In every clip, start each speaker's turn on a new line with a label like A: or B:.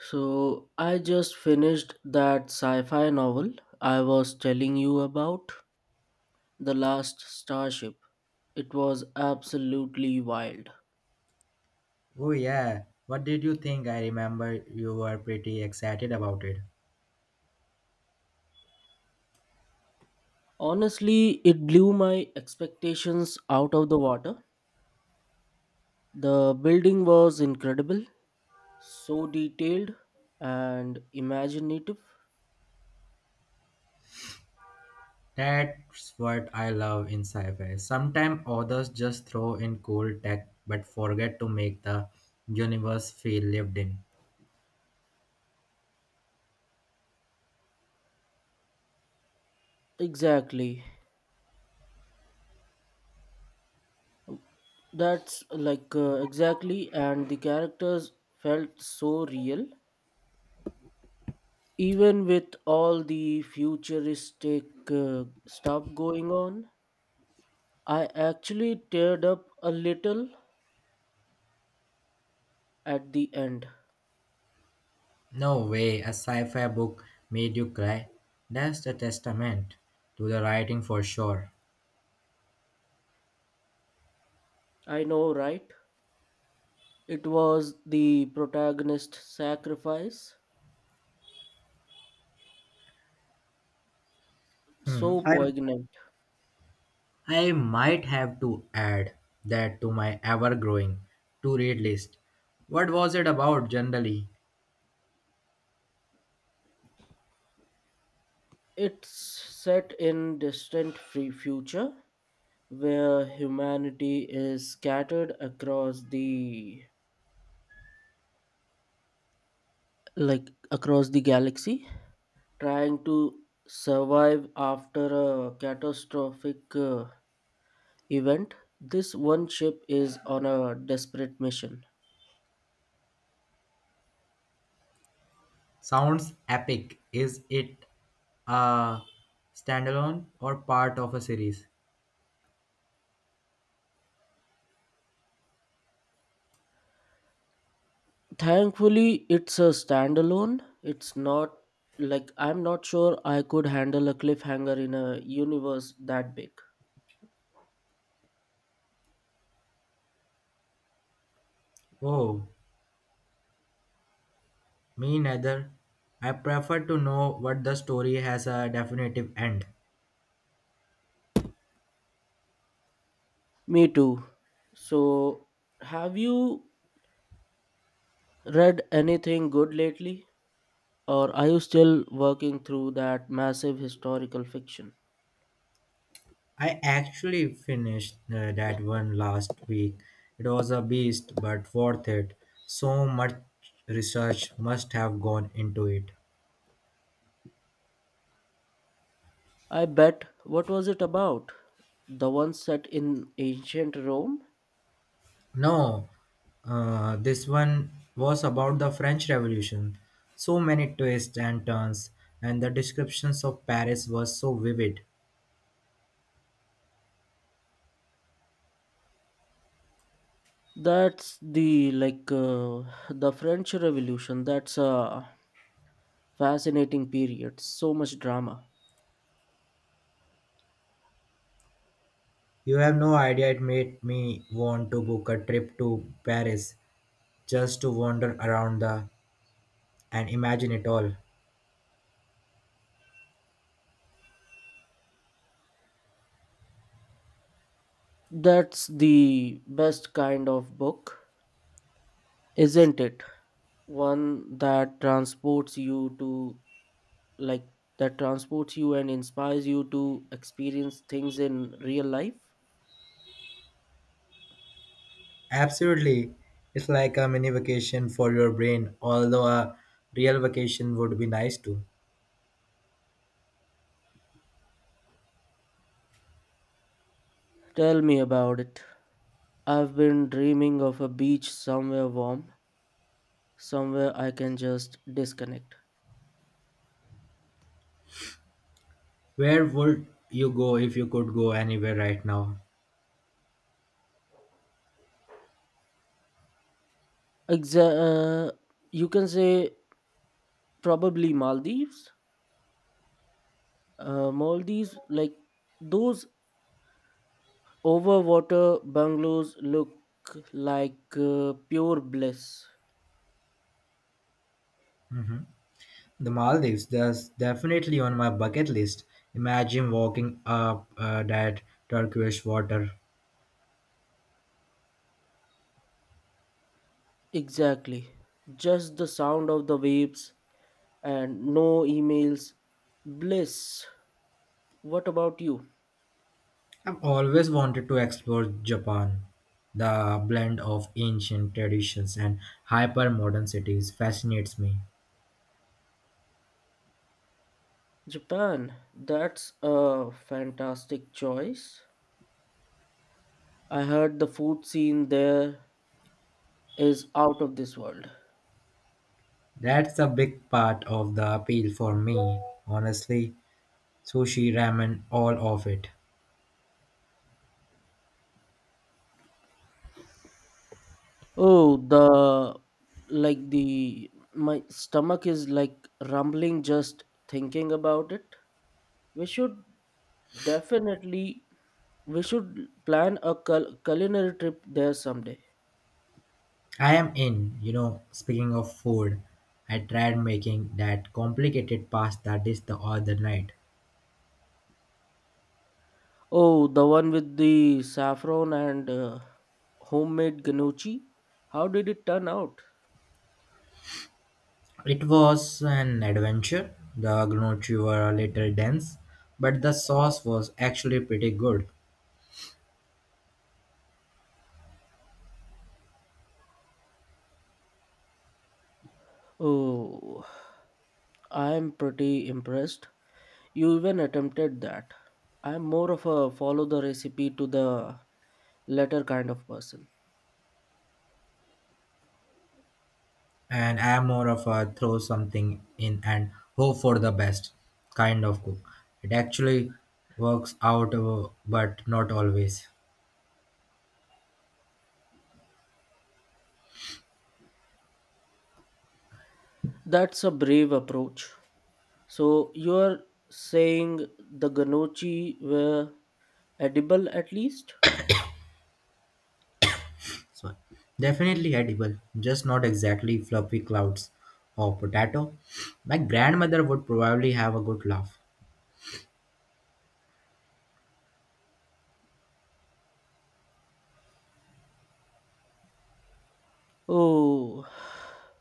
A: So I just finished that sci-fi novel I was telling you about, The Last Starship. It was absolutely wild.
B: Oh yeah, what did you think? I remember you were pretty excited about it.
A: Honestly, it blew my expectations out of the water. The building was incredible, so detailed and imaginative.
B: That's what I love in sci-fi. Sometimes authors just throw in cool tech but forget to make the universe feel lived in.
A: Exactly. That's exactly, and the characters felt so real. Even with all the futuristic stuff going on, I actually teared up a little at the end.
B: No way, a sci-fi book made you cry. That's a testament to the writing for sure.
A: I know, right? It was the protagonist's sacrifice,
B: Hmm.
A: so
B: I
A: poignant.
B: I might have to add that to my ever-growing to-read list. What was it about generally?
A: It's set in distant free future where humanity is scattered across the like across the galaxy trying to survive after a catastrophic event, this one ship is on a desperate mission.
B: Sounds epic. Is it a standalone or part of a series?
A: Thankfully, it's a standalone. It's not like I'm not sure I could handle a cliffhanger in a universe that big.
B: Oh, me neither. I prefer to know what the story has a definitive end.
A: Me too. So, have you read anything good lately? Or are you still working through that massive historical fiction?
B: I actually finished that one last week. It was a beast, but worth it. So much research must have gone into it.
A: I bet. What was it about? The one set in ancient Rome?
B: No, this one was about the French Revolution. So many twists and turns, and the descriptions of Paris were so vivid.
A: That's the French Revolution. That's a fascinating period. So much drama.
B: You have no idea, it made me want to book a trip to Paris just to wander around the and imagine it all.
A: That's the best kind of book, isn't it? One that transports you to like that transports you and inspires you to experience things in real life.
B: Absolutely, it's like a mini vacation for your brain, although a real vacation would be nice too.
A: Tell me about it. I've been dreaming of a beach somewhere warm, somewhere I can just disconnect.
B: Where would you go if you could go anywhere right now?
A: Exa- uh, you can say probably Maldives. Maldives, like those overwater bungalows, look pure bliss.
B: The Maldives, that's definitely on my bucket list. Imagine walking up that turquoise water.
A: Exactly. Just the sound of the waves and no emails. Bliss. What about you?
B: I've always wanted to explore Japan. The blend of ancient traditions and hyper modern cities fascinates me.
A: Japan. That's a fantastic choice. I heard the food scene there is out of this world.
B: That's a big part of the appeal for me, honestly. Sushi, ramen, all of it.
A: Oh, the like the my stomach is like rumbling just thinking about it. We should definitely we should plan a culinary trip there someday.
B: I am in, speaking of food, I tried making that complicated pasta dish the other night.
A: Oh, the one with the saffron and homemade gnocchi. How did it turn out?
B: It was an adventure. The gnocchi were a little dense, but the sauce was actually pretty good.
A: Oh, I am pretty impressed. You even attempted that. I am more of a follow the recipe to the letter kind of person.
B: And I am more of a throw something in and hope for the best kind of cook. It actually works out, but not always.
A: That's a brave approach. So you're saying the Ganochi were edible at least?
B: So, definitely edible, just not exactly fluffy clouds or potato. My grandmother would probably have a good laugh.
A: Oh,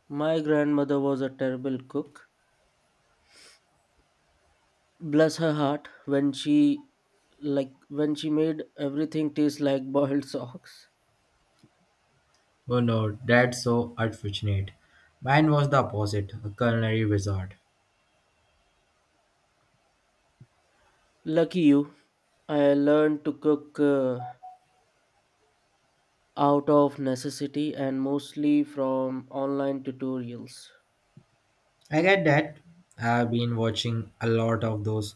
A: my grandmother was a terrible cook. Bless her heart when she made everything taste like boiled socks.
B: Oh no, that's so unfortunate. Mine was the opposite, a culinary wizard.
A: Lucky you. I learned to cook out of necessity and mostly from online tutorials.
B: I get that. I've been watching a lot of those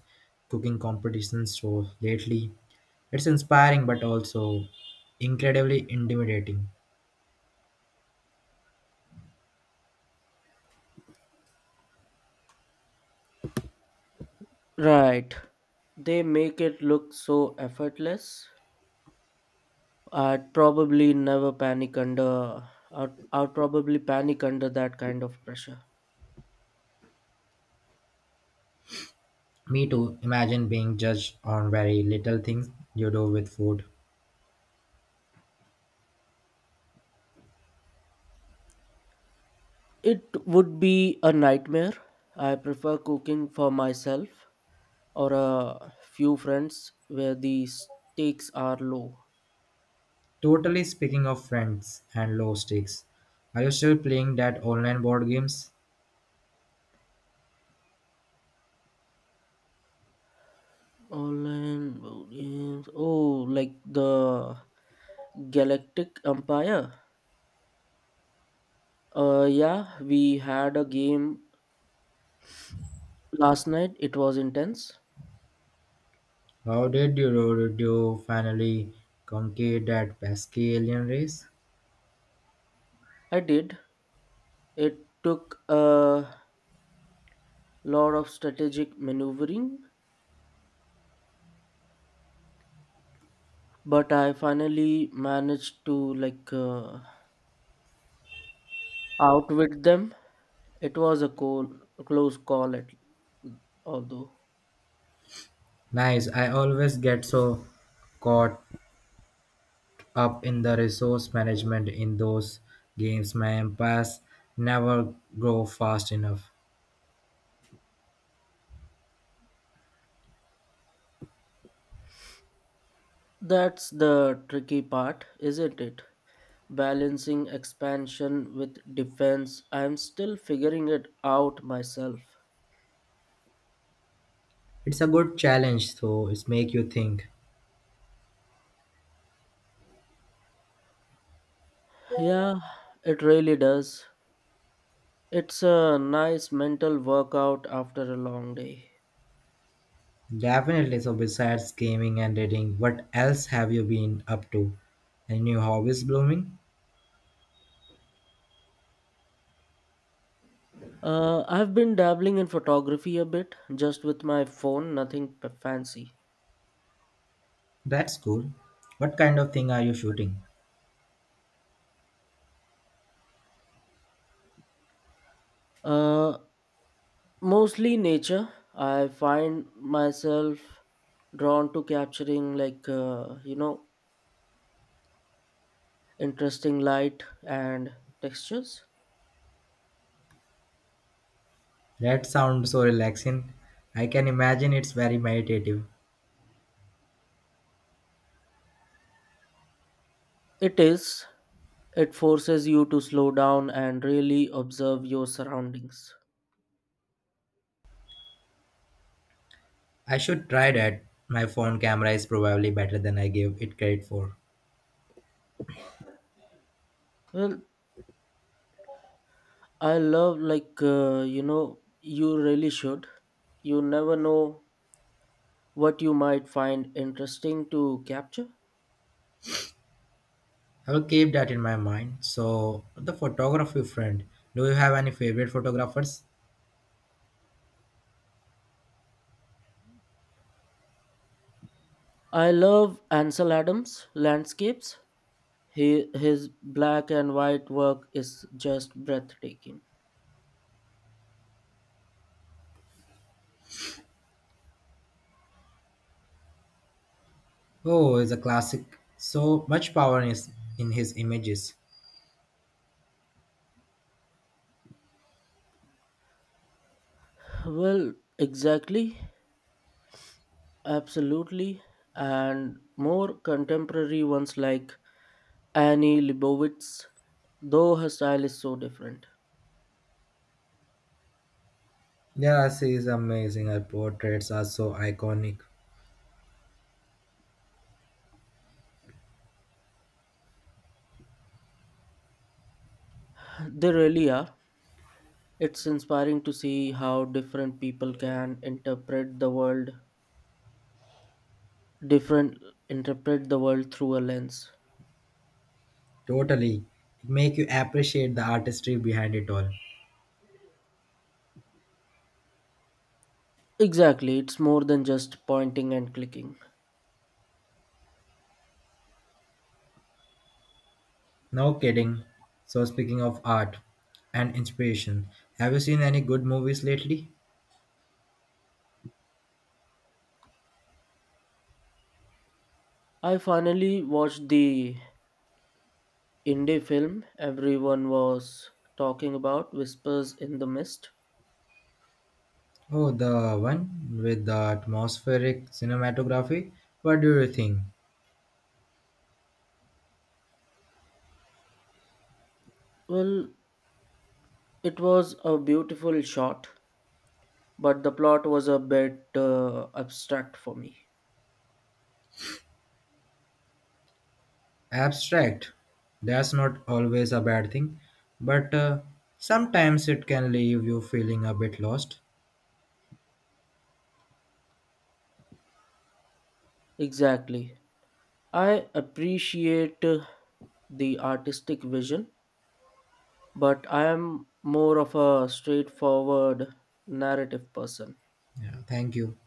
B: cooking competitions so lately. It's inspiring but also incredibly intimidating.
A: Right. They make it look so effortless. I'd probably never panic under. I'd probably panic under that kind of pressure.
B: Me too, imagine being judged on very little things you do with food.
A: It would be a nightmare. I prefer cooking for myself or a few friends where the stakes are low.
B: Totally, speaking of friends and low stakes, are you still playing that online board games?
A: Online board games. Oh, like the Galactic Empire. Yeah, we had a game last night. It was intense.
B: Did you finally conquer that pesky alien race?
A: I did. It took a lot of strategic maneuvering, but I finally managed to outwit them. It was a cool, close call, although
B: Nice, I always get so caught up in the resource management in those games. My empires never grow fast enough.
A: that's the tricky part, isn't it? Balancing expansion with defense. I'm still figuring it out myself.
B: It's a good challenge, though. It's make you think.
A: Yeah, it really does. It's a nice mental workout after a long day.
B: Definitely. So besides gaming and reading, what else have you been up to? Any new hobbies blooming?
A: I've been dabbling in photography a bit, just with my phone, nothing fancy.
B: That's cool. What kind of thing are you shooting?
A: Uh, Mostly nature. I find myself drawn to capturing, interesting light and textures.
B: That sounds so relaxing. I can imagine it's very meditative.
A: It is, it forces you to slow down and really observe your surroundings.
B: I should try that. My phone camera is probably better than I gave it credit for.
A: Well, I love, you really should. You never know what you might find interesting to capture.
B: I will keep that in my mind. So, the photography friend, do you have any favorite photographers?
A: I love Ansel Adams' landscapes. His black and white work is just breathtaking.
B: Oh, he's a classic. So much power in his images.
A: Well, exactly, absolutely, and more contemporary ones like Annie Leibovitz, though her style is so different.
B: Yes, he is amazing. Her portraits are so iconic.
A: They really are. It's inspiring to see how different people can interpret the world, different interpret the world through a lens.
B: Totally. It make you appreciate the artistry behind it all.
A: Exactly, it's more than just pointing and clicking.
B: No kidding. So speaking of art and inspiration, have you seen any good movies lately?
A: I finally watched the indie film everyone was talking about, Whispers in the Mist.
B: Oh, the one with the atmospheric cinematography. What do you think?
A: Well, it was a beautiful shot, but the plot was a bit abstract for me.
B: Abstract. That's not always a bad thing, but sometimes it can leave you feeling a bit lost.
A: Exactly. I appreciate the artistic vision, but I am more of a straightforward narrative person.
B: Yeah, thank you.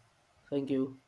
A: Thank you.